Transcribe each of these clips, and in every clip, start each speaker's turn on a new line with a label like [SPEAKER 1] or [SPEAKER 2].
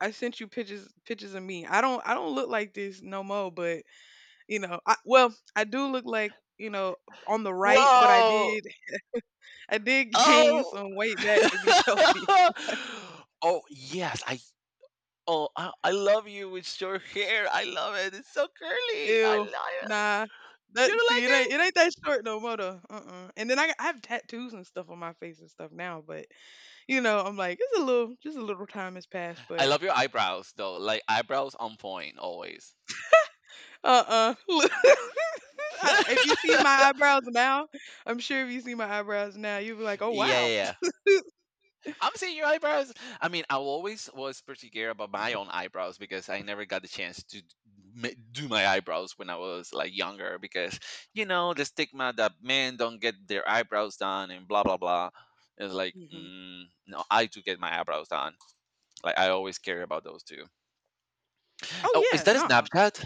[SPEAKER 1] I sent you pictures of me. I don't look like this no more, but I do look like on the right, but I
[SPEAKER 2] Whoa!
[SPEAKER 1] did I did gain
[SPEAKER 2] Oh!
[SPEAKER 1] some weight back to be healthy.
[SPEAKER 2] Oh, yes, I oh, I love you with your hair, I love it, it's so curly, I
[SPEAKER 1] Ew,
[SPEAKER 2] love it.
[SPEAKER 1] nah.
[SPEAKER 2] You
[SPEAKER 1] That
[SPEAKER 2] don't
[SPEAKER 1] see,
[SPEAKER 2] like
[SPEAKER 1] it ain't
[SPEAKER 2] it?
[SPEAKER 1] it ain't that short no more though. Uh-uh. And then I have tattoos and stuff on my face and stuff now, but I'm like it's a little just a little time has passed,
[SPEAKER 2] I
[SPEAKER 1] but
[SPEAKER 2] love your eyebrows, though, like, eyebrows on point, always.
[SPEAKER 1] uh-uh. Look, if you see my eyebrows now, I'm sure if you see my eyebrows now, you'll be like, oh
[SPEAKER 2] Yeah,
[SPEAKER 1] wow.
[SPEAKER 2] yeah, yeah. I'm seeing your eyebrows. I mean, I always was particular about my own eyebrows because I never got the chance to do my eyebrows when I was like younger because the stigma that men don't get their eyebrows done and blah blah blah. It's like no, I do get my eyebrows done. Like I always care about those two. Oh,
[SPEAKER 1] Oh
[SPEAKER 2] is
[SPEAKER 1] yeah,
[SPEAKER 2] that a
[SPEAKER 1] nah,
[SPEAKER 2] Snapchat?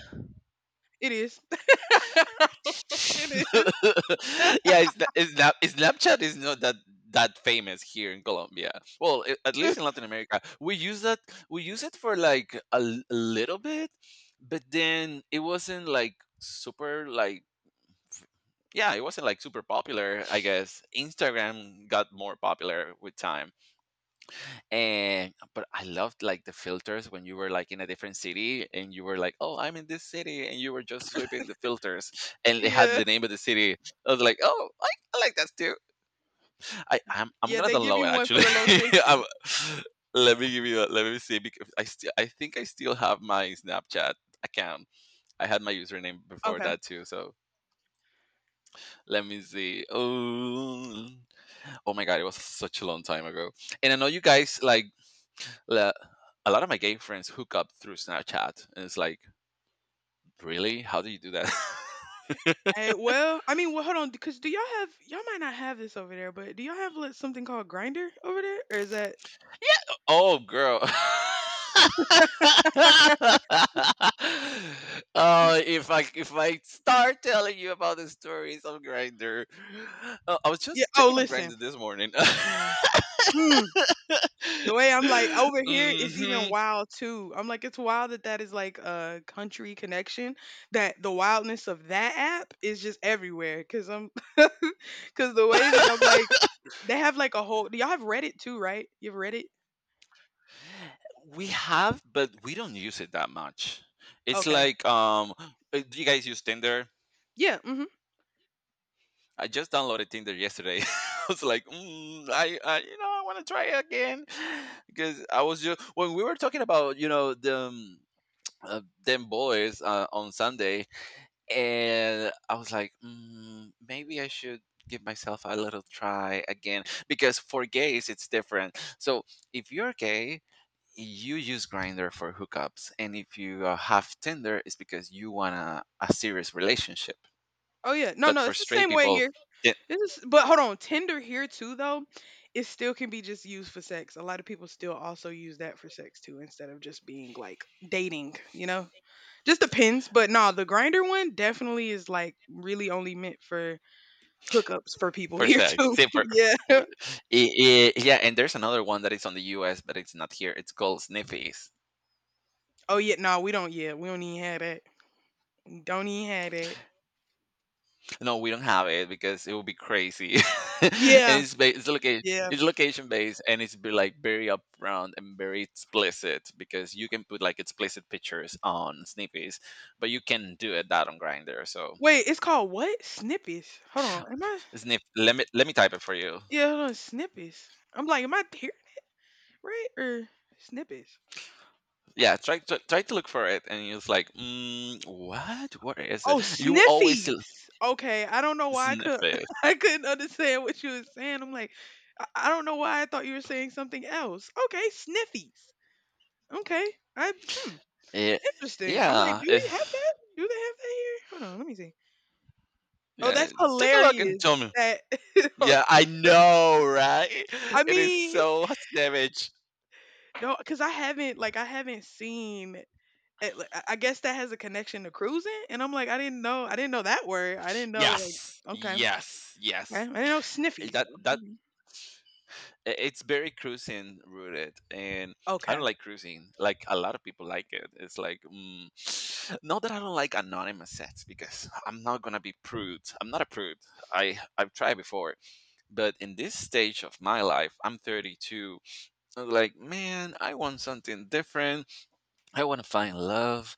[SPEAKER 1] it is. It is.
[SPEAKER 2] Yeah, it's, Snapchat is not that famous here in Colombia. Well, at least in Latin America, we use that. We use it for like a little bit, but then it wasn't like super like. f- Yeah, it wasn't like super popular. I guess Instagram got more popular with time. And but I loved like the filters when you were like in a different city and you were like, oh, I'm in this city, and you were just sweeping the filters, and they had
[SPEAKER 1] Yeah,
[SPEAKER 2] the name of the city. I was like, oh, I like that too. I'm
[SPEAKER 1] yeah,
[SPEAKER 2] gonna
[SPEAKER 1] they give
[SPEAKER 2] download
[SPEAKER 1] you
[SPEAKER 2] it
[SPEAKER 1] one for
[SPEAKER 2] actually.
[SPEAKER 1] the location.
[SPEAKER 2] I'm, let me give you a, let me see, because I still, I think I still have my Snapchat account. I had my username before
[SPEAKER 1] Okay.
[SPEAKER 2] that too, so let me see. Oh, oh my god, it was such a long time ago. And I know you guys like, le- a lot of my gay friends hook up through Snapchat, and it's like, really? How do you do that?
[SPEAKER 1] Hey, well, I mean, well, hold on, because do y'all have y'all might not have this over there, but do y'all have like something called Grinder over there, or is that?
[SPEAKER 2] Oh, girl. Oh, if I start telling you about the stories of Grinder, I was
[SPEAKER 1] Yeah.
[SPEAKER 2] just
[SPEAKER 1] Oh,
[SPEAKER 2] checking on
[SPEAKER 1] listen.
[SPEAKER 2] Grinder this morning.
[SPEAKER 1] Mm, mm. The way I'm like over here, it's even
[SPEAKER 2] Hmm.
[SPEAKER 1] wild too. I'm like, it's wild that that is like a country connection. That the wildness of that app is just everywhere. Cause the way that I'm like. They have like a whole do y'all have Reddit too, right? You have Reddit?
[SPEAKER 2] We have, but we don't use it that much. It's
[SPEAKER 1] Okay.
[SPEAKER 2] like, do you guys use Tinder?
[SPEAKER 1] Yeah, mhm.
[SPEAKER 2] I just downloaded Tinder yesterday. I was like, mm, I, you know, I want to try it again. Because I was just, when we were talking about, you know, the uh, them boys on Sunday, and I was like, mm, maybe I should give myself a little try again, because for gays it's different. So if you're gay, you use Grinder for hookups, and if you have Tinder, it's because you want a serious relationship.
[SPEAKER 1] Oh yeah. No,
[SPEAKER 2] But
[SPEAKER 1] no,
[SPEAKER 2] for
[SPEAKER 1] it's the
[SPEAKER 2] straight
[SPEAKER 1] same way
[SPEAKER 2] people,
[SPEAKER 1] here. This is but hold on, Tinder here too though, it still can be just used for sex. A lot of people still also use that for sex too instead of just being like dating, you know? Just depends, but no, the Grinder one definitely is like really only meant for hookups for people
[SPEAKER 2] first
[SPEAKER 1] here
[SPEAKER 2] act.
[SPEAKER 1] too.
[SPEAKER 2] Same for. for-
[SPEAKER 1] Yeah.
[SPEAKER 2] yeah, and there's another one that is on the US, but it's not here. It's called Sniffies.
[SPEAKER 1] Oh yeah, no, we don't yeah, we don't even have that. Don't even have that.
[SPEAKER 2] No, we don't have it because it would be crazy. And
[SPEAKER 1] Yeah,
[SPEAKER 2] it's location,
[SPEAKER 1] yeah.
[SPEAKER 2] it's location based, and it's be like very upfront and very explicit because you can put like explicit pictures on Sniffies, but you can do it that on Grinder. So
[SPEAKER 1] Wait, it's called what? Snippies. Hold on, am I?
[SPEAKER 2] Sniff, let me type it for you.
[SPEAKER 1] Yeah, hold on, snippies. I'm like, am I here right or snippies?
[SPEAKER 2] Yeah, try to look for it, and it's like, mm, what? Where is
[SPEAKER 1] Oh,
[SPEAKER 2] it? You will always
[SPEAKER 1] sniffies. Okay, I don't know why I
[SPEAKER 2] sniff
[SPEAKER 1] could
[SPEAKER 2] it.
[SPEAKER 1] I couldn't understand what you were saying. I'm like, I don't know why I thought you were saying something else. Okay, sniffies. Okay, I hmm,
[SPEAKER 2] Yeah,
[SPEAKER 1] interesting. I'm like,
[SPEAKER 2] yeah,
[SPEAKER 1] do we have
[SPEAKER 2] if
[SPEAKER 1] that? Do they have that here? Hold on, let me see. Oh,
[SPEAKER 2] yeah,
[SPEAKER 1] that's
[SPEAKER 2] take a look and
[SPEAKER 1] hilarious.
[SPEAKER 2] tell me.
[SPEAKER 1] That
[SPEAKER 2] Yeah, I know, right?
[SPEAKER 1] I
[SPEAKER 2] It is
[SPEAKER 1] mean,
[SPEAKER 2] so savage.
[SPEAKER 1] no, because I haven't seen It li I guess that has a connection to cruising? And I'm like, I didn't know that word. I didn't know,
[SPEAKER 2] Yes,
[SPEAKER 1] like" okay,
[SPEAKER 2] yes,
[SPEAKER 1] okay. I
[SPEAKER 2] yes.
[SPEAKER 1] didn't know
[SPEAKER 2] Eh,
[SPEAKER 1] sniffies, though. Mhm.
[SPEAKER 2] It's very cruising rooted, and I
[SPEAKER 1] Okay.
[SPEAKER 2] don't like cruising. Like a lot of people like it. It's like mm, not that I don't like anonymous sets, because I'm not gonna be prude. I'm not a prude. I've tried before, but in this stage of my life, I'm 32. I'm like, man, I want something different. I want to find love.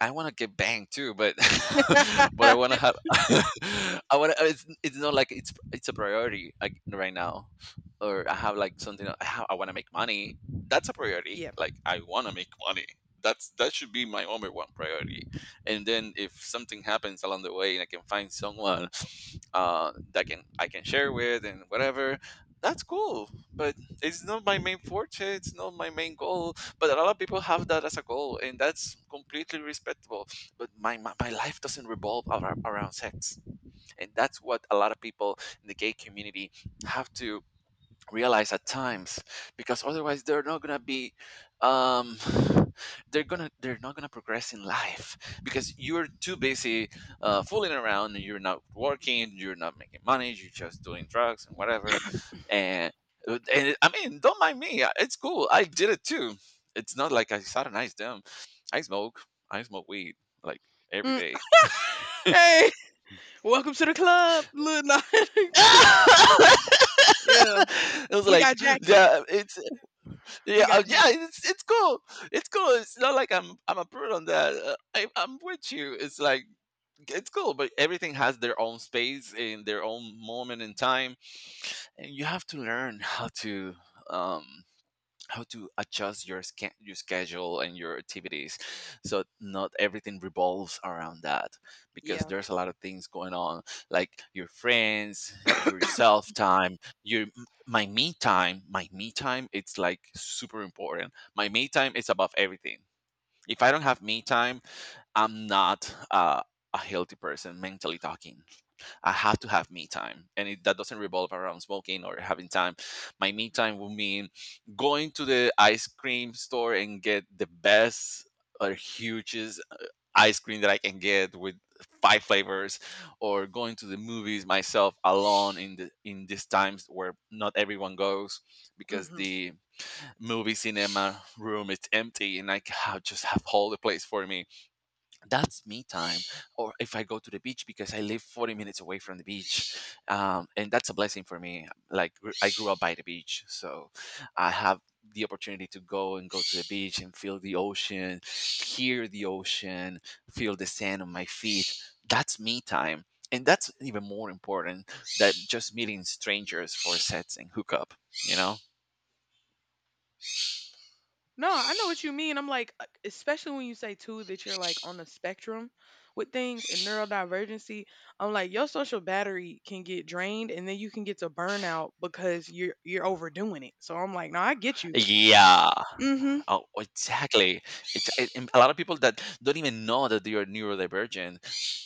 [SPEAKER 2] I want to get banged too, but but I want to have. I want to. It's not like it's a priority, like, right now, or I have like something. I have, I want to make money. That's a priority.
[SPEAKER 1] Yeah.
[SPEAKER 2] Like I want to make money. That should be my number one priority. And then if something happens along the way and I can find someone that can I can share with and whatever, that's cool. But it's not my main forte. It's not my main goal, but a lot of people have that as a goal, and that's completely respectable. But my life doesn't revolve around sex. And that's what a lot of people in the gay community have to realize at times, because otherwise they're not gonna be um they're not gonna progress in life, because you're too busy fooling around, and you're not working, you're not making money, you're just doing drugs and whatever. And and I mean, don't mind me, it's cool, I did it too. It's not like I satanized them. i smoke I smoke weed, like, every
[SPEAKER 1] Mm,
[SPEAKER 2] day.
[SPEAKER 1] "Hey, welcome to the club, little" No.
[SPEAKER 2] It
[SPEAKER 1] Yeah.
[SPEAKER 2] was
[SPEAKER 1] "We
[SPEAKER 2] like
[SPEAKER 1] got jackets.
[SPEAKER 2] yeah it's yeah,
[SPEAKER 1] We got
[SPEAKER 2] yeah,
[SPEAKER 1] jackets."
[SPEAKER 2] it's cool. It's cool. It's not like I'm a prude on that. I'm with you. It's like it's cool, but everything has their own space in their own moment in time, and you have to learn um how to adjust your your schedule and your activities, so not everything revolves around that, because
[SPEAKER 1] Yeah.
[SPEAKER 2] there's a lot of things going on, like your friends, your self time, your m- my me time. My me time, it's like super important. My me time is above everything. If I don't have me time, I'm not a healthy person, mentally talking. I have to have me time. And it, that doesn't revolve around smoking or having time. My me time will mean going to the ice cream store and get the best or hugest ice cream that I can get with five flavors, or going to the movies myself alone in the, in these times where not everyone goes, because
[SPEAKER 1] Mhm.
[SPEAKER 2] the movie cinema room is empty and I just have all the place for me. That's me time. Or if I go to the beach, because I live 40 minutes away from the beach. And that's a blessing for me, like, I grew up by the beach, so I have the opportunity to go and go to the beach and feel the ocean, hear the ocean, feel the sand on my feet. That's me time. And that's even more important than just meeting strangers for sets and hook up, you know.
[SPEAKER 1] No, I know what you mean. I'm like, especially when you say too that you're like on the spectrum with things and neurodivergency. I'm like, your social battery can get drained, and then you can get to burnout because you're overdoing it. So I'm like, no, I get you.
[SPEAKER 2] Yeah.
[SPEAKER 1] Mm-hmm.
[SPEAKER 2] Oh, exactly. And a lot of people that don't even know that they are neurodivergent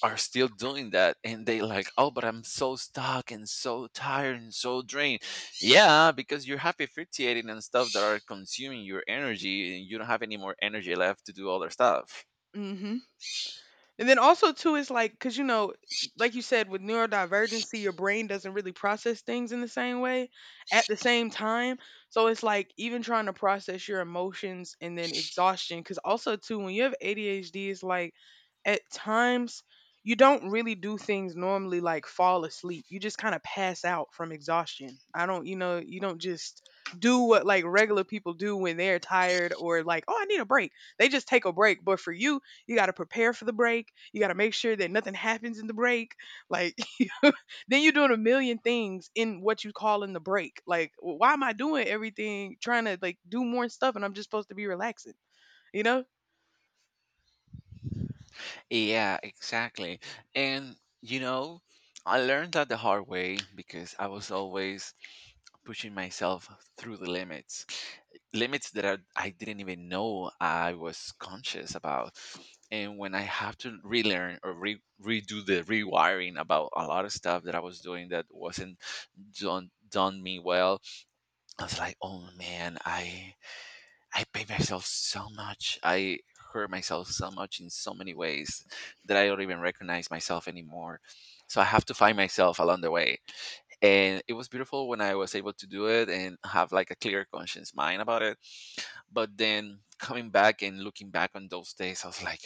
[SPEAKER 2] are still doing that, and they like, oh, but I'm so stuck and so tired and so drained. Yeah, because you're happy fluctuating and stuff that are consuming your energy, and you don't have any more energy left to do other stuff.
[SPEAKER 1] Mm-hmm. And then also too is like because you know, like you said, with neurodivergency, your brain doesn't really process things in the same way at the same time. So it's like even trying to process your emotions and then exhaustion. Because also too, when you have ADHD, it's like at times you don't really do things normally like fall asleep. You just kind of pass out from exhaustion. I don't, you know, you don't just do what like regular people do when they're tired or like, oh, I need a break. They just take a break. But for you, you got to prepare for the break. You got to make sure that nothing happens in the break. Like, then you're doing a million things in what you call in the break. Like, why am I doing everything, trying to like do more stuff, and I'm just supposed to be relaxing? You know?
[SPEAKER 2] Yeah, exactly. And you know, I learned that the hard way, because I was always pushing myself through the limits, limits that I didn't even know I was conscious about. And when I have to relearn or redo the rewiring about a lot of stuff that I was doing that wasn't done me well, I was like, oh man, I pay myself so much. I hurt myself so much in so many ways that I don't even recognize myself anymore. So I have to find myself along the way. And it was beautiful when I was able to do it and have like a clear conscience mind about it. But then coming back and looking back on those days, I was like,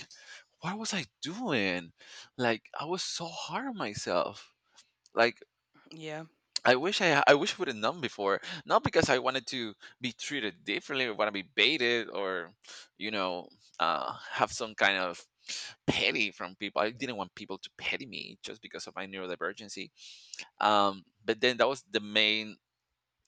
[SPEAKER 2] what was I doing? Like I was so hard on myself. Like
[SPEAKER 1] Yeah.
[SPEAKER 2] I wish I would have known before. Not because I wanted to be treated differently or want to be baited, or, you know, have some kind of petty from people. I didn't want people to petty me just because of my neurodivergency. But then that was the main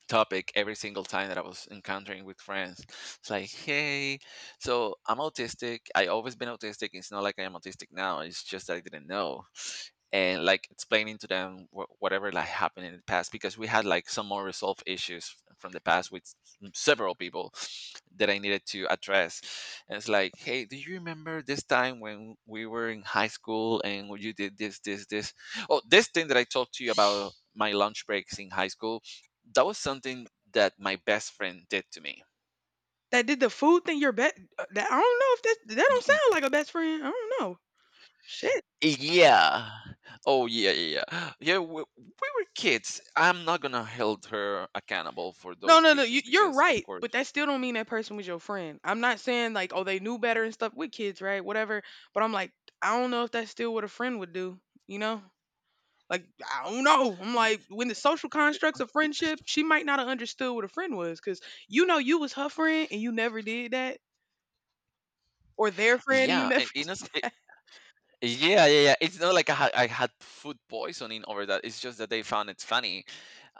[SPEAKER 2] topic every single time that I was encountering with friends. It's like, hey, so I'm autistic. I always been autistic. It's not like I am autistic now. It's just that I didn't know. And like explaining to them whatever like happened in the past, because we had like some more resolved issues from the past with several people that I needed to address. And it's like, hey, do you remember this time when we were in high school and you did this, this, this? Oh, this thing that I talked to you about my lunch breaks in high school, that was something that my best friend did to me.
[SPEAKER 1] That did the food thing. Your best. That I don't know if that don't
[SPEAKER 2] Y- y-
[SPEAKER 1] sound like a best friend. I don't know. Shit.
[SPEAKER 2] Yeah. Oh yeah, yeah, yeah. Yeah, we were kids. I'm not gonna hold her accountable for
[SPEAKER 1] No,
[SPEAKER 2] those
[SPEAKER 1] no, no. You,
[SPEAKER 2] issues,
[SPEAKER 1] you're
[SPEAKER 2] because, of
[SPEAKER 1] right,
[SPEAKER 2] course,
[SPEAKER 1] but that still don't mean that person was your friend. I'm not saying like, oh, they knew better and stuff with kids, right? Whatever. But I'm like, I don't know if that's still what a friend would do. You know? Like I don't know. I'm
[SPEAKER 2] y-
[SPEAKER 1] like when the social constructs of friendship, she might not have understood what a friend was because you know you was her friend and you never did that, or their friend and you
[SPEAKER 2] yeah,
[SPEAKER 1] never.
[SPEAKER 2] I- you know, yeah, yeah, yeah. It's not like I had food poisoning over that. It's just that they found it funny.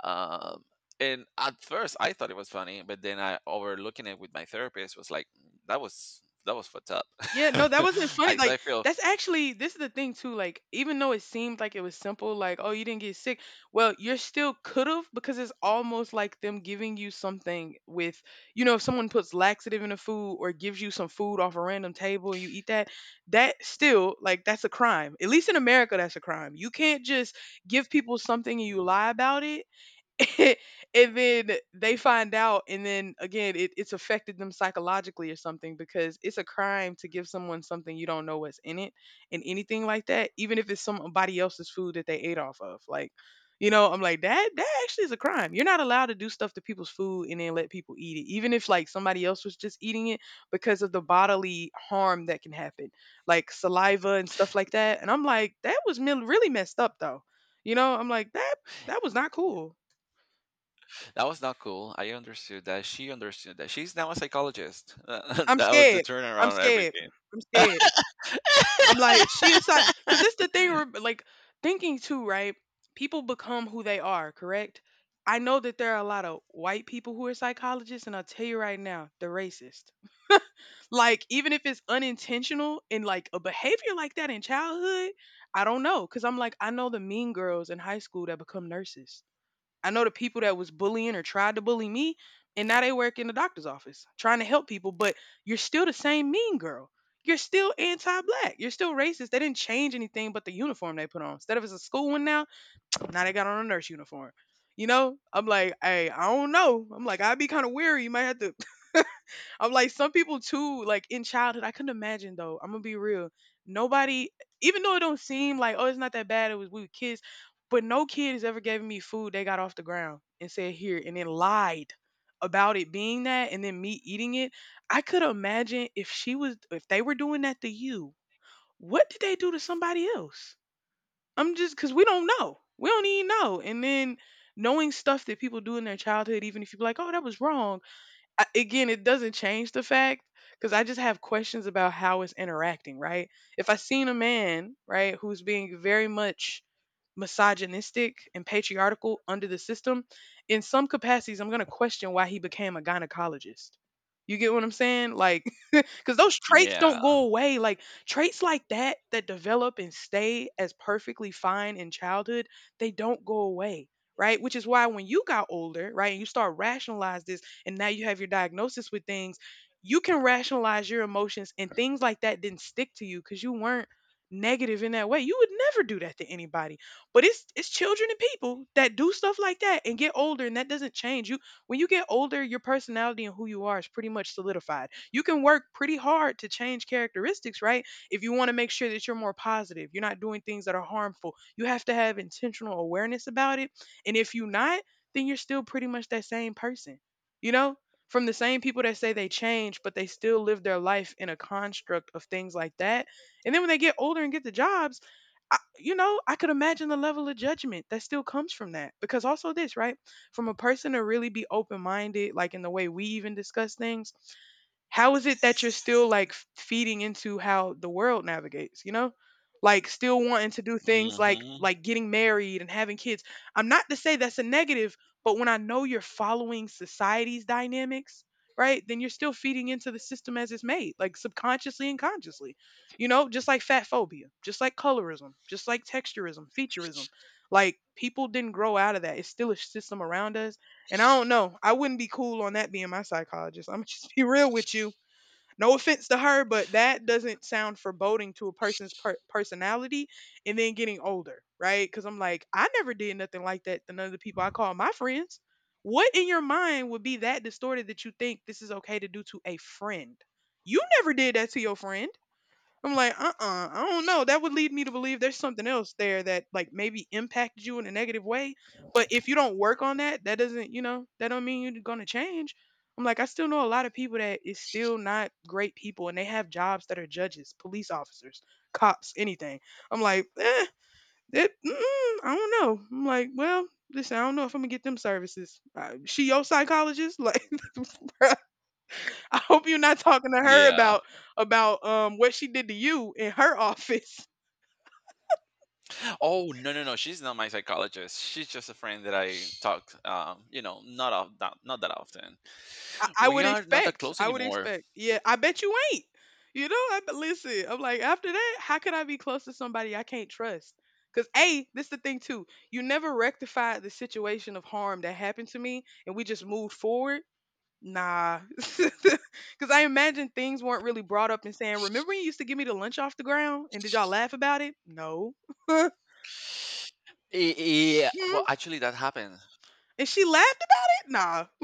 [SPEAKER 2] Um, and at first, I thought it was funny, but then I overlooking it with my therapist was like, "Mm, that was fucked up."
[SPEAKER 1] Yeah, no, that wasn't funny.
[SPEAKER 2] I so
[SPEAKER 1] Like,
[SPEAKER 2] I feel
[SPEAKER 1] that's actually this is the thing too. Like, even though it seemed like it was simple, like, oh, you didn't get sick. Well, you're still could have because it's almost like them giving you something with, you know, if someone puts laxative in the food or gives you some food off a random table and you eat that, that still like that's a crime. At least in America, that's a crime. You can't just give people something and you lie about it and then they find out and then again it's affected them psychologically or something because it's a crime to give someone something you don't know what's in it and anything like that even if it's somebody else's food that they ate off of like you know I'm like that actually is a crime. You're not allowed to do stuff to people's food and then let people eat it even if like somebody else was just eating it because of the bodily harm that can happen like saliva and stuff like that. And I'm like really messed up though. You know I'm like that was not cool.
[SPEAKER 2] that was not cool. I understood that. She understood that. She's now a psychologist.
[SPEAKER 1] I'm
[SPEAKER 2] That was the
[SPEAKER 1] scared. I'm
[SPEAKER 2] turnaround of
[SPEAKER 1] scared.
[SPEAKER 2] everything.
[SPEAKER 1] I'm scared. I'm like, she is not, because this the thing, like, thinking too, right? People become who they are, correct? I know that there are a lot of white people who are psychologists, and I'll tell you right now, they're racist. Like, even if it's unintentional and like a behavior like that in childhood, I don't know. Because I'm like, I know the mean girls in high school that become nurses. I know the people that was bullying or tried to bully me, and now they work in the doctor's office trying to help people, but you're still the same mean girl. You're still anti black. You're still racist. They didn't change anything but the uniform they put on. Instead of it's a school one now, now they got on a nurse uniform. You know, I'm like, hey, I don't know. I'm like, I'd be kind of weary. You might have to I'm like some people too, like in childhood. I couldn't imagine though. I'm gonna be real. Nobody, even though it don't seem like oh it's not that bad. It was we were kids, but no kid has ever given me food they got off the ground and said here and then lied about it being that and then me eating it. I could imagine if she was if they were doing that to you. What did they do to somebody else? I'm just because we don't know. We don't even know. And then knowing stuff that people do in their childhood, even if you be like, oh that was wrong I, again, it doesn't change the fact because I just have questions about how it's interacting, right? If I seen a man, right, who's being very much misogynistic and patriarchal under the system, in some capacities, I'm going to question why he became a gynecologist. You get what I'm saying? Like, because those traits
[SPEAKER 2] Yeah.
[SPEAKER 1] don't go away. Like traits like that that develop and stay as perfectly fine in childhood, they don't go away. Right. Which is why when you got older, right, and you start rationalize this and now you have your diagnosis with things, you can rationalize your emotions and things like that didn't stick to you because you weren't negative in that way. You would never do that to anybody. But it's children and people that do stuff like that and get older and that doesn't change. You when you get older, your personality and who you are is pretty much solidified. You can work pretty hard to change characteristics, right? If you want to make sure that you're more positive, you're not doing things that are harmful. You have to have intentional awareness about it. And if you're not, then you're still pretty much that same person, you know? From the same people that say they change, but they still live their life in a construct of things like that. And then when they get older and get the jobs, you know, I could imagine the level of judgment that still comes from that. Because also, this, right? From a person to really be open minded, like in the way we even discuss things, how is it that you're still like feeding into how the world navigates, like still wanting to do things like
[SPEAKER 2] Hmm.
[SPEAKER 1] like getting married and having kids. I'm not to say that's a negative, but when I know you're following society's dynamics, right? Then you're still feeding into the system as it's made, like subconsciously and consciously. Just like fat phobia, just like colorism, just like texturism, featureism. Like people didn't grow out of that, it's still a system around us. And I don't know. I wouldn't be cool on that being my psychologist. I'm just be real with you. No offense to her, but that doesn't sound foreboding to a person's personality and then getting older, right? Cuz I'm like, I never did nothing like that to none of the people I call my friends. What in your mind would be that distorted that you think this is okay to do to a friend? You never did that to your friend. I'm like, I don't know. That would lead me to believe there's something else there that, like, maybe impacted you in a negative way. But if you don't work on that, that doesn't, that don't mean you're gonna change. I'm like, I still know a lot of people that is still not great people and they have jobs that are judges, police officers, cops, anything. I'm like, that, I don't know. I'm like, well, listen, I don't know if I'm gonna get them services. She your psychologist? Like, bruh, I hope you're not talking to her
[SPEAKER 2] Yeah.
[SPEAKER 1] about about what she did to you in her office.
[SPEAKER 2] Oh, no, no, no. She's not my psychologist. She's just a friend that I talk. Not of not that often.
[SPEAKER 1] I
[SPEAKER 2] We
[SPEAKER 1] would
[SPEAKER 2] are not that
[SPEAKER 1] expect.
[SPEAKER 2] close
[SPEAKER 1] I would
[SPEAKER 2] anymore.
[SPEAKER 1] expect. Yeah, I bet you ain't. You know, but listen, I'm like, after that, how could I be close to somebody I can't trust? Because, A, this the thing, too. You never rectified the situation of harm that happened to me and we just moved forward. Nah. Because I imagine things weren't really brought up and saying, remember when you used to give me the lunch off the ground and did y'all laugh about it? No.
[SPEAKER 2] Yeah. Well,
[SPEAKER 1] Mm.
[SPEAKER 2] actually, that happened.
[SPEAKER 1] And she laughed about it?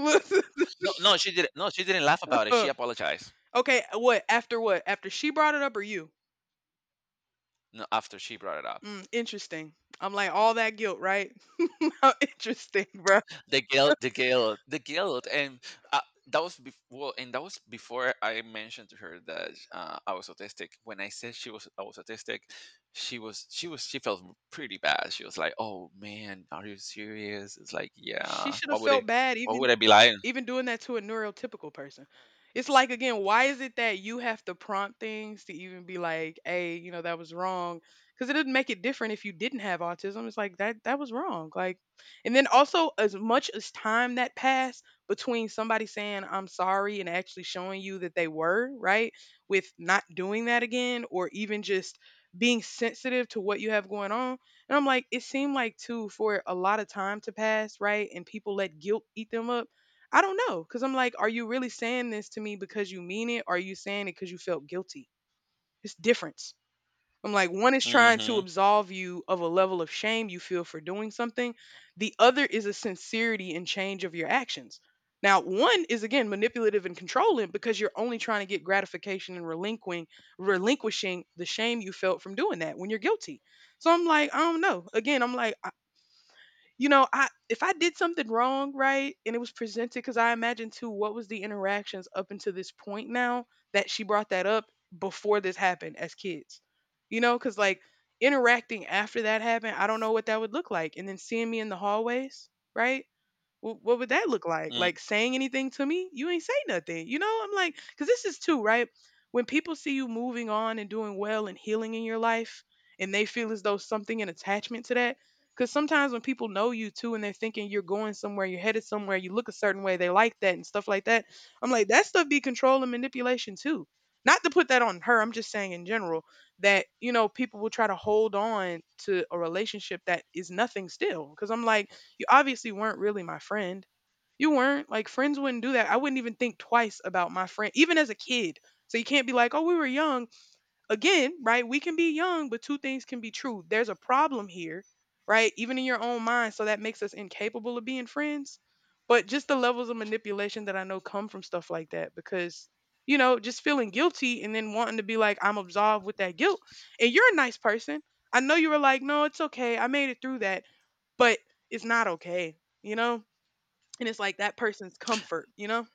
[SPEAKER 1] Nah.
[SPEAKER 2] No, no, she didn't. No, she didn't laugh about it.
[SPEAKER 1] Uh,
[SPEAKER 2] She apologized.
[SPEAKER 1] okay, what? After what? After she brought it up or you?
[SPEAKER 2] No, after she brought it up.
[SPEAKER 1] Mm, interesting. I'm like, all that guilt, right? How interesting, bro.
[SPEAKER 2] The guilt, the guilt, the guilt, and uh, that was bef- well, and that was before I mentioned to her that I was autistic. When I said I was autistic. She she felt pretty bad. She was like, "Oh man, are you serious?" It's like,
[SPEAKER 1] She
[SPEAKER 2] yeah.
[SPEAKER 1] should have felt bad
[SPEAKER 2] Why
[SPEAKER 1] even
[SPEAKER 2] would I be lying?
[SPEAKER 1] even doing that to a neurotypical person. It's like, again, why is it that you have to prompt things to even be like, "Hey, you know that was wrong," because it didn't make it different if you didn't have autism. It's like that was wrong. Like, and then also as much as time that passed between somebody saying "I'm sorry" and actually showing you that they were right with not doing that again, or even just being sensitive to what you have going on. And I'm like, it seemed like too for a lot of time to pass, right? And people let guilt eat them up. I don't know. Cause I'm like, are you really saying this to me because you mean it? Or are you saying it because you felt guilty? It's difference. I'm like, one is trying to
[SPEAKER 2] Hmm.
[SPEAKER 1] absolve you of a level of shame you feel for doing something. The other is a sincerity and change of your actions. Now, one is again manipulative and controlling because you're only trying to get gratification and relinquishing the shame you felt from doing that when you're guilty. So I'm like, I don't know. Again, I'm like, I if I did something wrong, right, and it was presented because I imagine too what was the interactions up until this point now that she brought that up before this happened as kids, you know, because like interacting after that happened, I don't know what that would look like, and then seeing me in the hallways, right? Well, what would that look like? Like saying anything to me? You ain't say nothing. You know, I'm like, because this is too, right? When people see you moving on and doing well and healing in your life, and they feel as though something an attachment to that. Because sometimes when people know you too and they're thinking you're going somewhere, you're headed somewhere, you look a certain way, they like that and stuff like that. I'm like, that stuff be control and manipulation too. Not to put that on her, I'm just saying in general that, people will try to hold on to a relationship that is nothing still. Because I'm like, you obviously weren't really my friend. You weren't. Like friends wouldn't do that. I wouldn't even think twice about my friend, even as a kid. So you can't be like, oh, we were young again, right? We can be young, but two things can be true. There's a problem here, right? Even in your own mind. So that makes us incapable of being friends. But just the levels of manipulation that I know come from stuff like that because, just feeling guilty and then wanting to be like, I'm absolved with that guilt. And you're a nice person. I know you were like, no, it's okay. I made it through that, but it's not okay, you know? And it's like that person's comfort, you know?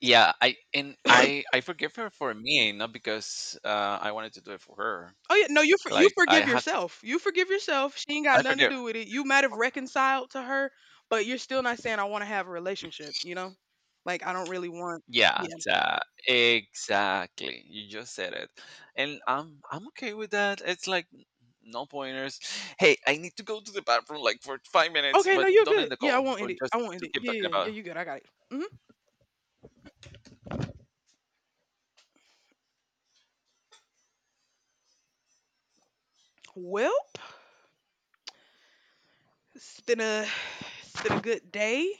[SPEAKER 2] Yeah, I and I I forgive her for me, not because I wanted to do it for her.
[SPEAKER 1] Oh yeah, no, you
[SPEAKER 2] Like I
[SPEAKER 1] forgive
[SPEAKER 2] have to,
[SPEAKER 1] yourself. You forgive yourself. She ain't got
[SPEAKER 2] I
[SPEAKER 1] nothing to
[SPEAKER 2] forgive.
[SPEAKER 1] do with it. You might have reconciled to her, but you're still not saying I want to have a relationship. You know, like I don't really want.
[SPEAKER 2] Yeah,
[SPEAKER 1] Yeah.
[SPEAKER 2] exactly. You just said it, and I'm okay with that. It's like no pointers. Hey, I need to go to the bathroom like for 5 minutes,
[SPEAKER 1] Okay. No,
[SPEAKER 2] but
[SPEAKER 1] you're
[SPEAKER 2] don't
[SPEAKER 1] good.
[SPEAKER 2] end the
[SPEAKER 1] Yeah, I
[SPEAKER 2] call
[SPEAKER 1] won't end
[SPEAKER 2] or
[SPEAKER 1] it. I
[SPEAKER 2] just
[SPEAKER 1] won't end
[SPEAKER 2] to
[SPEAKER 1] it.
[SPEAKER 2] keep
[SPEAKER 1] Yeah,
[SPEAKER 2] talking
[SPEAKER 1] yeah, yeah.
[SPEAKER 2] about.
[SPEAKER 1] You good? I got it. Hmm. Welp, it's been a it's been a good day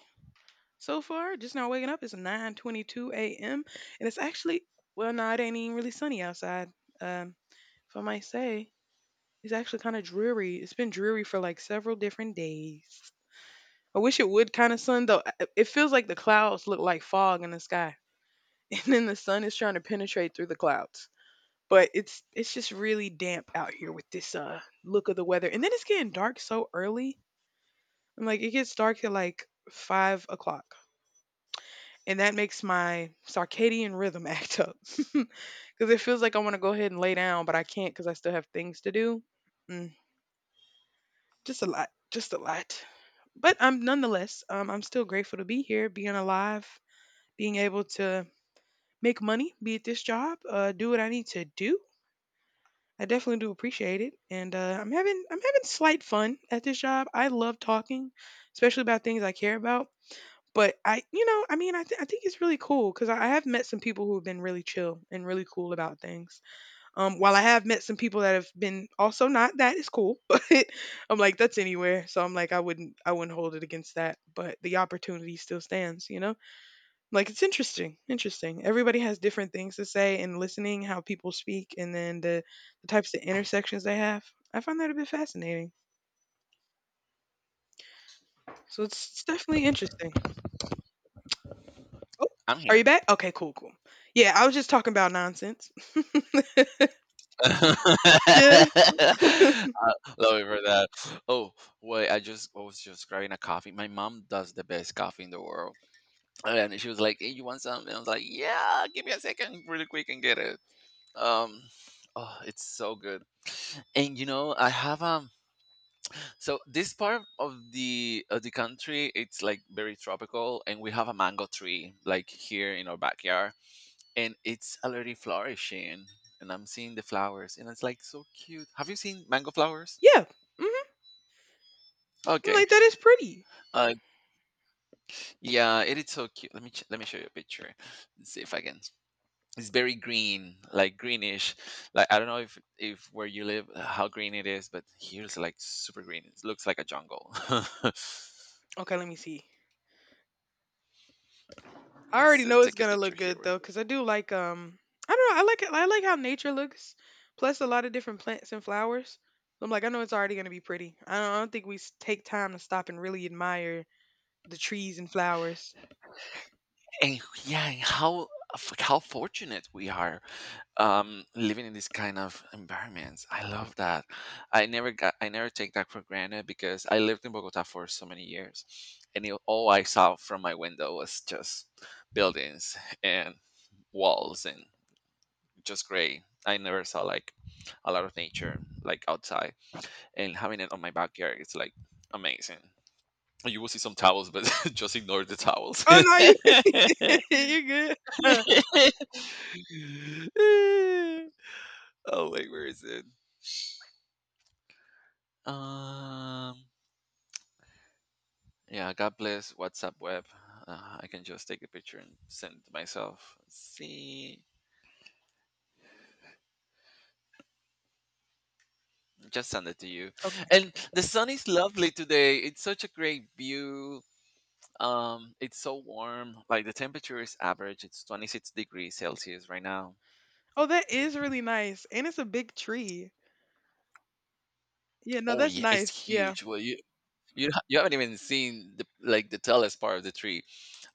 [SPEAKER 1] so far. Just now waking up. It's 9:22 a.m. And it's actually, well, no, it ain't even really sunny outside. Um, if I might say, it's actually kind of dreary. It's been dreary for like several different days. I wish it would kind of sun though. It feels like the clouds look like fog in the sky, and then the sun is trying to penetrate through the clouds. But it's just really damp out here with this look of the weather, and then it's getting dark so early. I'm like, it gets dark at like 5 o'clock, and that makes my circadian rhythm act up because it feels like I want to go ahead and lay down, but I can't because I still have things to do. Mm, just a lot, just a lot. But I'm nonetheless, I'm still grateful to be here, being alive, being able to make money, be at this job, do what I need to do. I definitely do appreciate it, and I'm having slight fun at this job. I love talking, especially about things I care about. But I mean, I think it's really cool because I have met some people who have been really chill and really cool about things. While I have met some people that have been also not that is cool, but I'm like that's anywhere. So I'm like I wouldn't hold it against that. But the opportunity still stands, you know. Like it's interesting, interesting. Everybody has different things to say and listening how people speak, and then the types of intersections they have. I find that a bit fascinating. So it's definitely interesting. Oh,
[SPEAKER 2] I'm
[SPEAKER 1] are you
[SPEAKER 2] here.
[SPEAKER 1] back? Okay, cool, cool. Yeah, I was just talking about nonsense.
[SPEAKER 2] I
[SPEAKER 1] Yeah,
[SPEAKER 2] love you for that. Oh wait, I was just grabbing a coffee. My mom does the best coffee in the world, and she was like, "Hey, you want something?" I was like, "Yeah, give me a second, really quick, and get it." Um, oh, it's so good. And you know, I have so this part of the country, it's like very tropical, and we have a mango tree like here in our backyard, and it's already flourishing, and I'm seeing the flowers, and it's like so cute. Have you seen mango flowers?
[SPEAKER 1] yeah. Hmm. I'm
[SPEAKER 2] Okay.
[SPEAKER 1] like, that is pretty.
[SPEAKER 2] uh yeah, it is so cute. Let me show you a picture. Let's see if I can. It's very green, like greenish. Like I don't know if where you live how green it is, but here's like super green. It looks like a jungle.
[SPEAKER 1] Okay, let me see. I
[SPEAKER 2] Let's
[SPEAKER 1] already know it's
[SPEAKER 2] take a
[SPEAKER 1] gonna look
[SPEAKER 2] picture here,
[SPEAKER 1] good
[SPEAKER 2] real
[SPEAKER 1] though,
[SPEAKER 2] quick.
[SPEAKER 1] cause I do like I don't know, I like it, I like how nature looks, plus a lot of different plants and flowers. I'm like, I know it's already gonna be pretty. I don't think we take time to stop and really admire the trees and flowers.
[SPEAKER 2] And yeah, and how fortunate we are, living in this kind of environments. I love that. I never take that for granted because I lived in Bogota for so many years, and it, all I saw from my window was just buildings and walls and just gray. I never saw like a lot of nature like outside, and having it on my backyard, it's like amazing. You will see some towels, but just ignore the towels.
[SPEAKER 1] Oh no, you you are good?
[SPEAKER 2] Oh wait, where is it? Um, yeah. God bless WhatsApp web. I can just take a picture and send it to myself. See, just send it to you.
[SPEAKER 1] Okay.
[SPEAKER 2] And the sun is lovely today. It's such a great view. It's so warm. Like the temperature is average. It's 26 degrees Celsius right now.
[SPEAKER 1] Oh, that is really nice, and it's a big tree. Yeah, no,
[SPEAKER 2] Oh
[SPEAKER 1] that's
[SPEAKER 2] yeah, it's
[SPEAKER 1] nice. Yeah.
[SPEAKER 2] huge. You you haven't even seen the like the tallest part of the tree.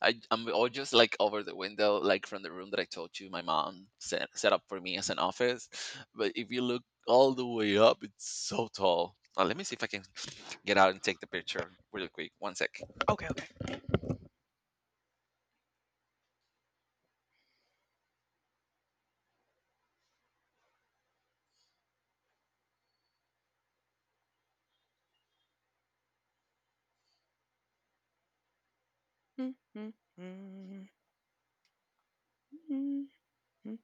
[SPEAKER 2] I'm all just like over the window, like from the room that I told you my mom set up for me as an office. But if you look all the way up, it's so tall. Let me see if I can get out and take the picture really quick. One sec.
[SPEAKER 1] Okay, okay. Mm, mm, mm, mm, mm,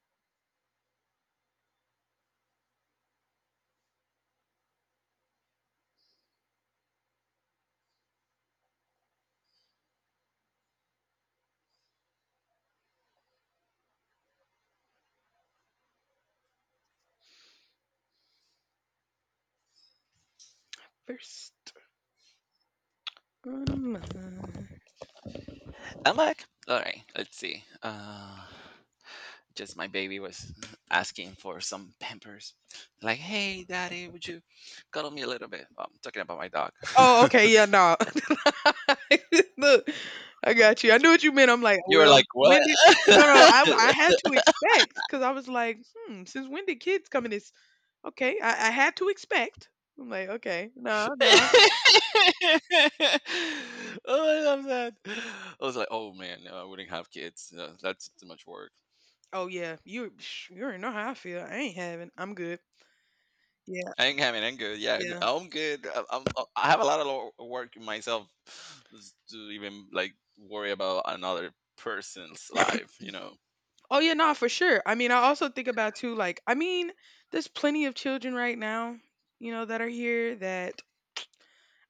[SPEAKER 1] First on a mind.
[SPEAKER 2] I'm back. All right. Let's see. Just my baby was asking for some Pampers. Like, hey, daddy, would you cuddle me a little bit? Well, I'm talking about my dog.
[SPEAKER 1] Oh, okay, yeah, no. Look, I got you. I knew what you meant. I'm like,
[SPEAKER 2] You were
[SPEAKER 1] well,
[SPEAKER 2] like, what?
[SPEAKER 1] when did? No, no, I I had to expect because I was like, hmm, since when did kids come in this? Okay, I had to expect. I'm like, okay, no, no.
[SPEAKER 2] Oh, I love that. I was like, oh man, no, I wouldn't have kids. No, that's too much work.
[SPEAKER 1] Oh yeah, you psh, you already know how I feel. I ain't having. I'm good. Yeah,
[SPEAKER 2] I ain't having. I'm good. Yeah,
[SPEAKER 1] yeah.
[SPEAKER 2] I'm good. I'm, I have a lot of work in myself to even like worry about another person's life. You know.
[SPEAKER 1] Oh yeah, no, for sure. I mean, I also think about too, there's plenty of children right now, that are here that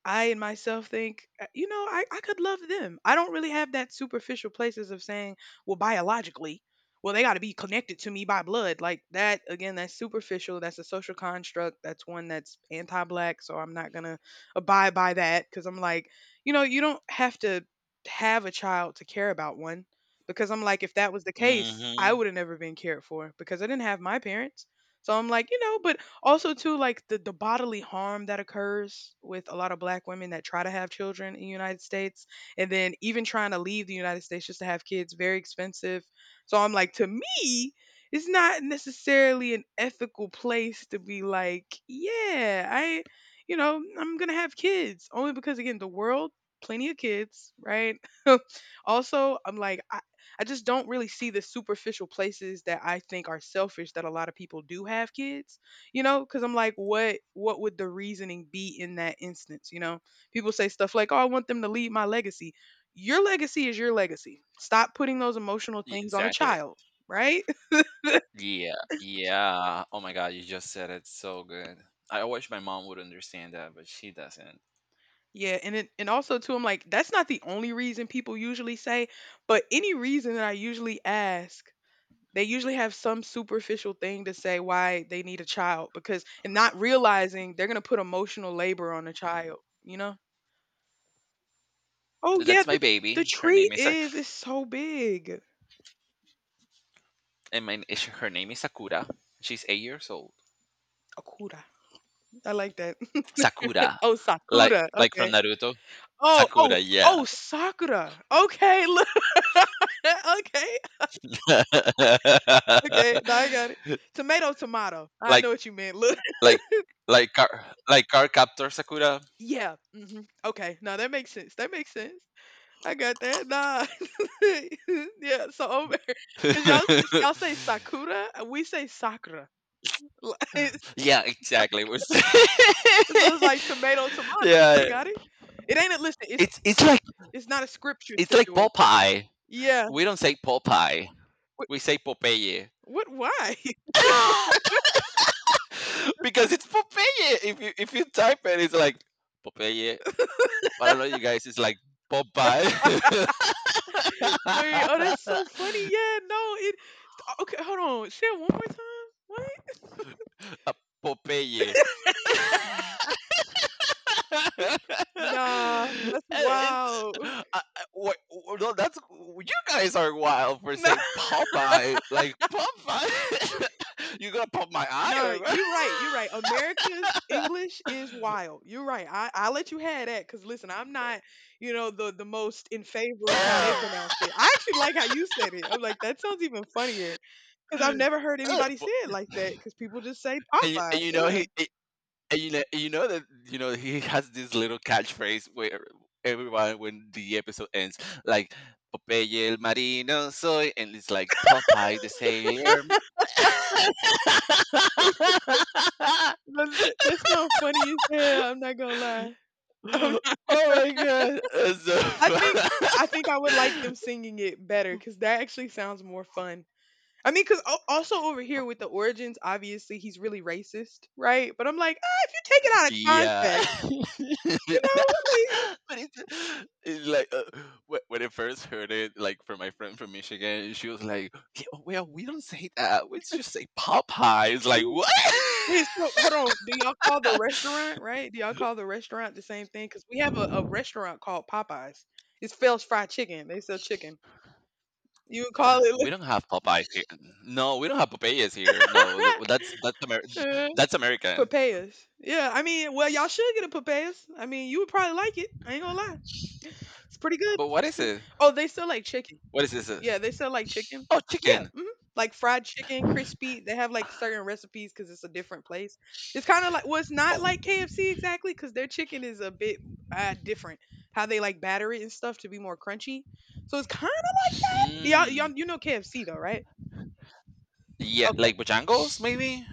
[SPEAKER 1] I and myself think, I could love them. I don't really have that superficial places of saying, well, biologically, well, they got to be connected to me by blood. Like that, again, that's superficial. That's a social construct. That's one that's anti black. So I'm not going to abide by that because I'm like, you know, you don't have to have a child to care about one. Because I'm like, if that was the case, I
[SPEAKER 2] Mm-hmm.
[SPEAKER 1] would have never been cared for because I didn't have my parents. So I'm like, you know, but also, too, like the bodily harm that occurs with a lot of black women that try to have children in the United States, and then even trying to leave the United States just to have kids, very expensive. So I'm like, to me, it's not necessarily an ethical place to be like, yeah, I'm gonna have kids only because again, the world, plenty of kids, right? Also, I'm like, I just don't really see the superficial places that I think are selfish that a lot of people do have kids, you know? Because I'm like, what would the reasoning be in that instance? You know, people say stuff like, oh, I want them to leave my legacy. Your legacy is your legacy. Stop putting those emotional things on a
[SPEAKER 2] Exactly.
[SPEAKER 1] child, right?
[SPEAKER 2] Yeah. Yeah. Oh my God, you just said it so good. I wish my mom would understand that, but she doesn't.
[SPEAKER 1] Yeah, and also too, I'm like, that's not the only reason people usually say, but any reason that I usually ask, they usually have some superficial thing to say why they need a child, because, and not realizing they're going to put emotional labor on a child, you know? Oh yeah,
[SPEAKER 2] That's my
[SPEAKER 1] the
[SPEAKER 2] baby. Her
[SPEAKER 1] tree
[SPEAKER 2] name is
[SPEAKER 1] is so big.
[SPEAKER 2] her name is Sakura. She's 8 years old.
[SPEAKER 1] Okura. I like that.
[SPEAKER 2] Sakura,
[SPEAKER 1] Oh,
[SPEAKER 2] like
[SPEAKER 1] Sakura. Okay.
[SPEAKER 2] from Naruto?
[SPEAKER 1] Oh, oh,
[SPEAKER 2] Sakura,
[SPEAKER 1] oh,
[SPEAKER 2] yeah,
[SPEAKER 1] Sakura. Okay. Look. Okay. Okay. Now I got it. Tomato, tomato. I
[SPEAKER 2] like
[SPEAKER 1] know what you meant. Look.
[SPEAKER 2] like like car like car captor Sakura.
[SPEAKER 1] Yeah. Hmm. Okay. No, that makes sense. That makes sense. I got that. Nah. Yeah. So over, because y'all y'all say Sakura, we say Sakura. Like,
[SPEAKER 2] Yeah, exactly.
[SPEAKER 1] so it's like tomato, tomato. We
[SPEAKER 2] Yeah,
[SPEAKER 1] got it. It ain't a listen.
[SPEAKER 2] it's like,
[SPEAKER 1] It's not a scripture
[SPEAKER 2] it's like
[SPEAKER 1] situation.
[SPEAKER 2] Popeye.
[SPEAKER 1] Yeah.
[SPEAKER 2] We don't say Popeye. We say Popeye.
[SPEAKER 1] What, why? What,
[SPEAKER 2] Because it's Popeye. If you type it, it's like Popeye. But I don't know, you guys it's like Popeye.
[SPEAKER 1] wait, oh, that's so funny. Yeah, no, it, oh, okay, hold on. Say it one more time. What?
[SPEAKER 2] Uh, Popeye. And
[SPEAKER 1] Nah, that's wild.
[SPEAKER 2] no, that's, you guys are wild for saying Popeye, like Popeye. You gonna pop my eye
[SPEAKER 1] Nah, no,
[SPEAKER 2] or what?
[SPEAKER 1] you're right. You're right. America's English is wild. You're right. I let you have that because listen, I'm not, you know, the most in favor of how they pronounce it. I actually like how you said it. I'm like, that sounds even funnier because I've never heard
[SPEAKER 2] Uh,
[SPEAKER 1] anybody say
[SPEAKER 2] po-
[SPEAKER 1] it like that, because people just say
[SPEAKER 2] and,
[SPEAKER 1] Popeye.
[SPEAKER 2] and you know
[SPEAKER 1] Yeah,
[SPEAKER 2] you know that he has this little catchphrase where everyone, when the episode ends, like, "Popeye el marino soy," and it's like Popeye the sailor.
[SPEAKER 1] that sounds funny as hell. I'm not gonna lie.
[SPEAKER 2] Oh my god, that's so
[SPEAKER 1] I think
[SPEAKER 2] fun.
[SPEAKER 1] I think I would like them singing it better because that actually sounds more fun. I mean, because also over here with the origins, obviously he's really racist, right? But I'm like, ah, if you take it out of
[SPEAKER 2] Yeah.
[SPEAKER 1] context, you know,
[SPEAKER 2] but it's like wh- When I first heard it, like from my friend from Michigan, she was like, "Yeah, well, we don't say that. We just say Popeyes." Like
[SPEAKER 1] like,
[SPEAKER 2] what?
[SPEAKER 1] wait, so hold on, do y'all call the restaurant, right? Do y'all call the restaurant the same thing? Because we have a restaurant called Popeyes. It's Phil's Fried Chicken. They sell chicken. You would call it
[SPEAKER 2] We don't have Popeyes here. No, we don't have Popeyes here. No, that's that's American.
[SPEAKER 1] papayas. Yeah, I mean, well, y'all should get a papayas. I mean, you would probably like it. I ain't gonna lie. It's pretty good.
[SPEAKER 2] But what is it?
[SPEAKER 1] Oh, they still like chicken.
[SPEAKER 2] What is this?
[SPEAKER 1] Yeah, they still like chicken.
[SPEAKER 2] Oh,
[SPEAKER 1] Yeah,
[SPEAKER 2] chicken.
[SPEAKER 1] mhm. Like fried chicken, crispy. They have like certain recipes because it's a different place. It's kind of like, well, it's not
[SPEAKER 2] Oh,
[SPEAKER 1] like KFC exactly because their chicken is a bit different. How they like batter it and stuff to be more crunchy. So it's kind of, y'all,
[SPEAKER 2] mm,
[SPEAKER 1] you know KFC though, right?
[SPEAKER 2] yeah,
[SPEAKER 1] Okay.
[SPEAKER 2] like Bojangles, maybe.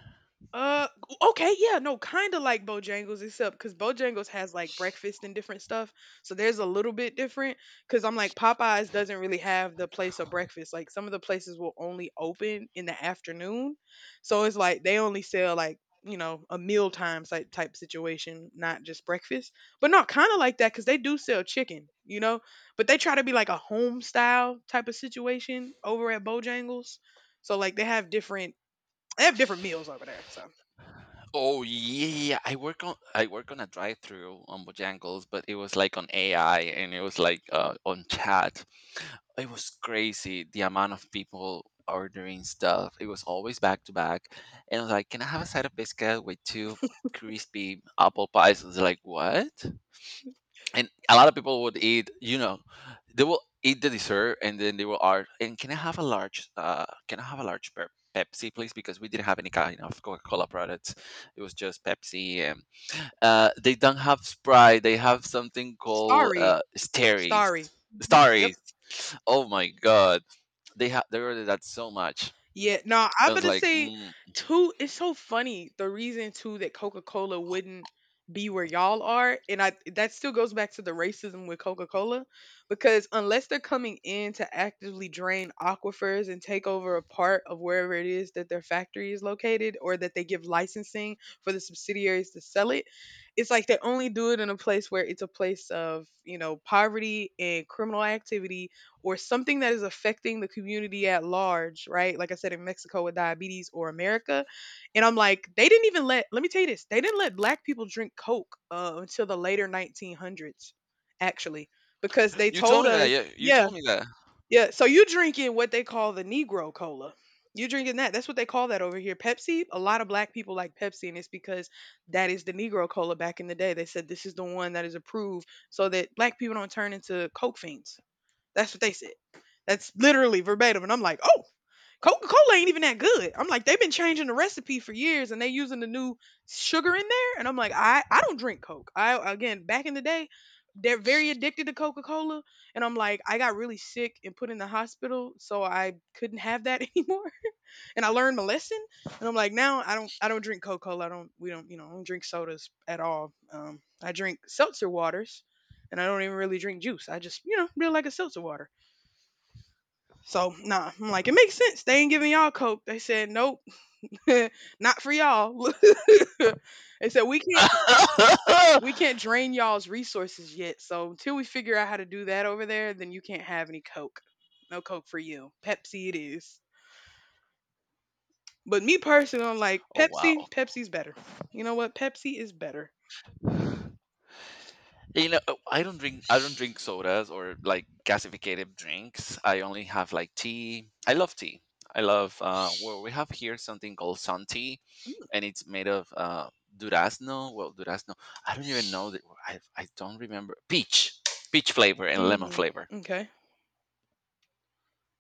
[SPEAKER 1] Uh, okay, yeah, no, kind of like Bojangles, except because Bojangles has like breakfast and different stuff, so there's a little bit different. Because I'm like Popeyes doesn't really have the place of breakfast. Like some of the places will only open in the afternoon, so it's like they only sell like, you know, a meal time type situation, not just breakfast. But no, kind of like that because they do sell chicken, you know, but they try to be like a home style type of situation over at Bojangles. So like they have different, they have different meals over there. So.
[SPEAKER 2] Oh yeah, I work on a drive-through on Bojangles, but it was like on AI, and it was like on chat. It was crazy the amount of people ordering stuff. It was always back to back, and I was like, "Can I have a side of biscuit with two crispy apple pies?" I was like, "What?" And a lot of people would eat, you know, they will eat the dessert, and then they will ask, "And can I have a large can I have a large Pepsi, please," because we didn't have any kind of Coca-Cola products. It was just Pepsi, and they don't have Sprite. They have something called
[SPEAKER 1] Starry.
[SPEAKER 2] Starries.
[SPEAKER 1] Starry. Mhm.
[SPEAKER 2] Starries.
[SPEAKER 1] Yep.
[SPEAKER 2] Oh my god, they have, they ordered that so much.
[SPEAKER 1] Yeah, no,
[SPEAKER 2] I
[SPEAKER 1] I'm
[SPEAKER 2] was
[SPEAKER 1] gonna
[SPEAKER 2] like,
[SPEAKER 1] say
[SPEAKER 2] mm,
[SPEAKER 1] too, it's so funny the reason too that Coca Cola wouldn't be where y'all are, and I that still goes back to the racism with Coca Cola, because unless they're coming in to actively drain aquifers and take over a part of wherever it is that their factory is located, or that they give licensing for the subsidiaries to sell it, it's like they only do it in a place where it's a place of, you know, poverty and criminal activity or something that is affecting the community at large, right? Like I said in Mexico with diabetes or America. And I'm like, they didn't even let, let me tell you this, they didn't let black people drink Coke until the later 1900s, actually, because they told us,
[SPEAKER 2] you
[SPEAKER 1] yeah,
[SPEAKER 2] told me that.
[SPEAKER 1] yeah. So you drinking what they call the Negro Cola. You drinking that. That's what they call that over here. Pepsi, a lot of black people like Pepsi, and it's because that is the Negro Cola back in the day. They said this is the one that is approved so that black people don't turn into Coke fiends. That's what they said. That's literally verbatim. And I'm like, oh, Coca Cola ain't even that good. I'm like, they've been changing the recipe for years and they using the new sugar in there. And I'm like, I don't drink Coke. I, again, back in the day, they're very addicted to Coca Cola. And I'm like, I got really sick and put in the hospital, so I couldn't have that anymore. And I learned my lesson. And I'm like, now I don't drink Coca Cola. I don't we don't you know I don't drink sodas at all. I drink seltzer waters, and I don't even really drink juice. I just, you know, really like a seltzer water. So nah, I'm like, it makes sense. They ain't giving y'all coke. They said, nope, not for y'all. They said we can't drain y'all's resources yet. So until we figure out how to do that over there, then you can't have any coke. No coke for you. Pepsi it is. But me personally, I'm like
[SPEAKER 2] Oh
[SPEAKER 1] Pepsi.
[SPEAKER 2] wow.
[SPEAKER 1] Pepsi's better. You know what? Pepsi is better.
[SPEAKER 2] You know, oh, I don't drink sodas or like gasificated drinks. I only have like tea. I love tea. I love well, we have here something called sun tea, and it's made of durazno, well, durazno. I don't even know that I don't remember. Peach. Peach flavor and lemon
[SPEAKER 1] Mm,
[SPEAKER 2] flavor.
[SPEAKER 1] okay.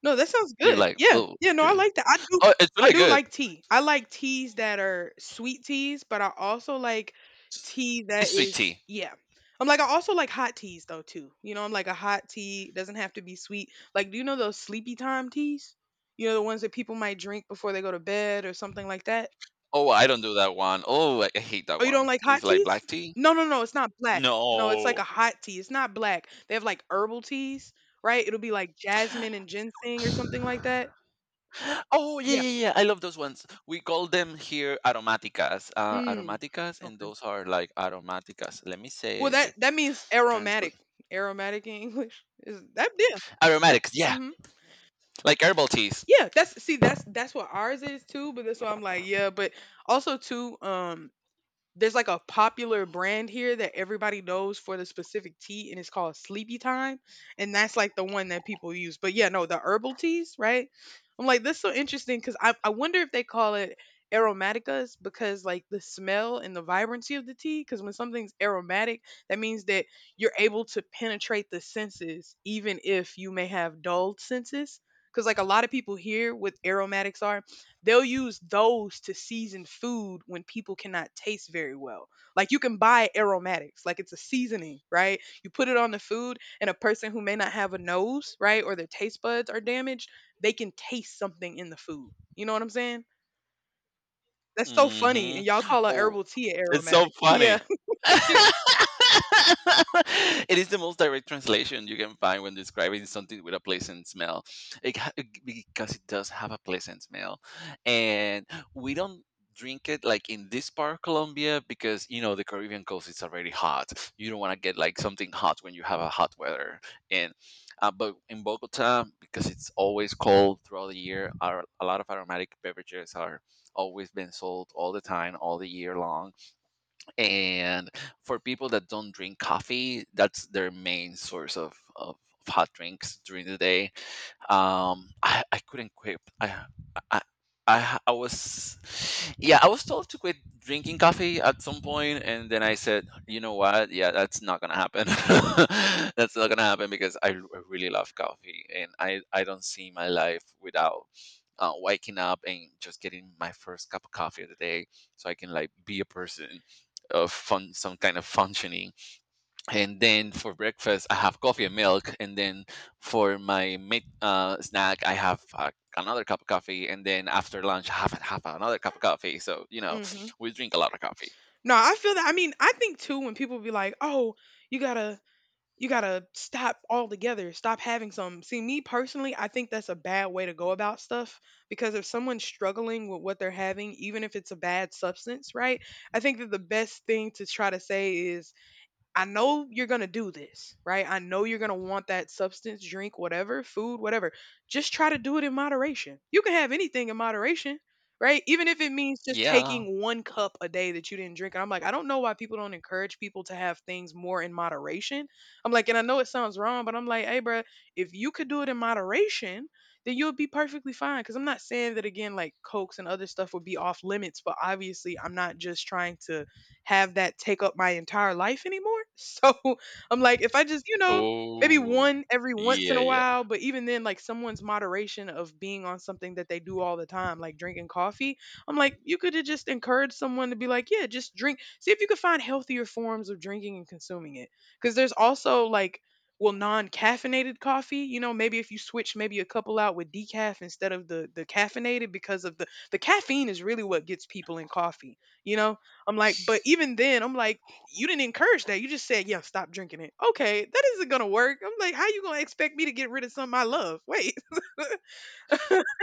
[SPEAKER 1] No, that sounds
[SPEAKER 2] You're
[SPEAKER 1] good.
[SPEAKER 2] like,
[SPEAKER 1] Yeah.
[SPEAKER 2] "Oh,
[SPEAKER 1] Yeah, no, I
[SPEAKER 2] okay."
[SPEAKER 1] like that.
[SPEAKER 2] Oh, it's
[SPEAKER 1] I
[SPEAKER 2] really
[SPEAKER 1] do
[SPEAKER 2] good.
[SPEAKER 1] like tea. I like teas that are sweet teas, but I also like tea that
[SPEAKER 2] It's sweet
[SPEAKER 1] is,
[SPEAKER 2] tea.
[SPEAKER 1] yeah. I'm like I also like hot teas though too. You know, I'm like a hot tea doesn't have to be sweet. Like do you know those sleepy time teas? You know the ones that people might drink before they go to bed or something like that?
[SPEAKER 2] Oh, I don't do that one. Oh, I hate that
[SPEAKER 1] Oh, you don't
[SPEAKER 2] one.
[SPEAKER 1] like hot
[SPEAKER 2] It's like
[SPEAKER 1] teas?
[SPEAKER 2] black tea?
[SPEAKER 1] No, no, no, it's not black. No, it's like
[SPEAKER 2] No.
[SPEAKER 1] a hot tea. It's not black. They have like herbal teas, right? It'll be like jasmine and ginseng or something like that.
[SPEAKER 2] Oh yeah, yeah, yeah! I love those ones. We call them here aromáticas,
[SPEAKER 1] Mm,
[SPEAKER 2] aromáticas, and
[SPEAKER 1] okay.
[SPEAKER 2] those are like aromáticas. Let me
[SPEAKER 1] Well,
[SPEAKER 2] say
[SPEAKER 1] that
[SPEAKER 2] if
[SPEAKER 1] that means
[SPEAKER 2] translate
[SPEAKER 1] aromatic. Aromatic in English is that, yeah, yeah,
[SPEAKER 2] aromatics. Yeah,
[SPEAKER 1] mm-hmm.
[SPEAKER 2] like herbal teas.
[SPEAKER 1] Yeah that's see that's what ours is too. But that's why I'm like, yeah. But also too, there's like a popular brand here that everybody knows for the specific tea, and it's called Sleepy Time, and that's like the one that people use. But yeah, no, the herbal teas, right? I'm like, this is so interesting because I wonder if they call it aromaticas because like the smell and the vibrancy of the tea. Because when something's aromatic, that means that you're able to penetrate the senses, even if you may have dulled senses. Because like a lot of people here, with aromatics are, they'll use those to season food when people cannot taste very well. Like you can buy aromatics, like it's a seasoning, right? You put it on the food, and a person who may not have a nose, right, or their taste buds are damaged, they can taste something in the food. You know what I'm saying? That's so funny. And y'all
[SPEAKER 2] Mm-hmm.
[SPEAKER 1] call a
[SPEAKER 2] Oh,
[SPEAKER 1] herbal tea a
[SPEAKER 2] it's so
[SPEAKER 1] aromatic. Yeah.
[SPEAKER 2] funny. It is the most direct translation you can find when describing something with a pleasant smell. Because it does have a pleasant smell, and we don't drink it like in this part of Colombia because, you know, the Caribbean coast is already hot. You don't want to get like something hot when you have a hot weather, and but in Bogota, because it's always cold throughout the year, a lot of aromatic beverages are always been sold all the time, all the year long. And for people that don't drink coffee, that's their main source of hot drinks during the day. I couldn't quit I I was, yeah, I was told to quit drinking coffee at some point, and then I said, you know what? Yeah, that's not gonna happen. That's not gonna happen because I, I really love coffee, and I don't see my life without waking up and just getting my first cup of coffee of the day, so I can like be a person of fun, some kind of functioning. And then for breakfast I have coffee and milk, and then for my mid snack I have another cup of coffee, and then after lunch have another cup of coffee. So, you know,
[SPEAKER 1] Hmm.
[SPEAKER 2] we drink a lot of coffee.
[SPEAKER 1] No, I feel that. I mean, I think too, when people be like, oh, you gotta you gotta stop altogether. Stop having some. See, me personally, I think that's a bad way to go about stuff because if someone's struggling with what they're having, even if it's a bad substance, right? I think that the best thing to try to say is, I know you're going to do this, right? I know you're going to want that substance, drink, whatever, food, whatever. Just try to do it in moderation. You can have anything in moderation, right? Even if it means just
[SPEAKER 2] Yeah.
[SPEAKER 1] taking one cup a day that you didn't drink. And I'm like, I don't know why people don't encourage people to have things more in moderation. I'm like, and I know it sounds wrong, but I'm like, hey, bruh, if you could do it in moderation, then you'll be perfectly fine. Cause I'm not saying that again, like Cokes and other stuff would be off limits, but obviously I'm not just trying to have that take up my entire life anymore. So I'm like, if I just, you know, maybe
[SPEAKER 2] Oh
[SPEAKER 1] one every once in
[SPEAKER 2] yeah,
[SPEAKER 1] a
[SPEAKER 2] yeah,
[SPEAKER 1] while, but even then, like someone's moderation of being on something that they do all the time, like drinking coffee, I'm like, you could have just encouraged someone to be like, yeah, just drink. See if you could find healthier forms of drinking and consuming it. Because there's also like, well, non-caffeinated coffee, you know, maybe if you switch maybe a couple out with decaf instead of the caffeinated because of the caffeine is really what gets people in coffee, you know. I'm like, but even then, I'm like, you didn't encourage that. You just said, yeah, stop drinking it. Okay, that isn't gonna work. I'm like, how you gonna expect me to get rid of something I love? Wait,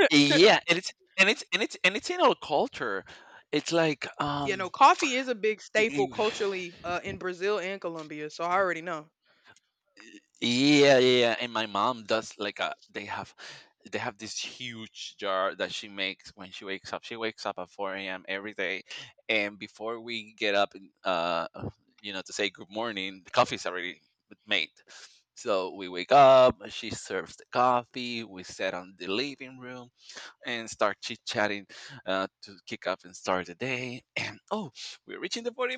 [SPEAKER 2] yeah. And it's in our culture. It's like
[SPEAKER 1] you know, coffee is a big staple culturally in Brazil and Colombia, so I already know.
[SPEAKER 2] yeah, yeah, yeah. And my mom does like a they have this huge jar that she makes when she wakes up. She wakes up at 4 a.m. every day, and before we get up, and, you know, to say good morning, the coffee's already made. So we wake up. She serves the coffee. We sit on the living room and start chit chatting to kick up and start the day. And oh, we're reaching the 40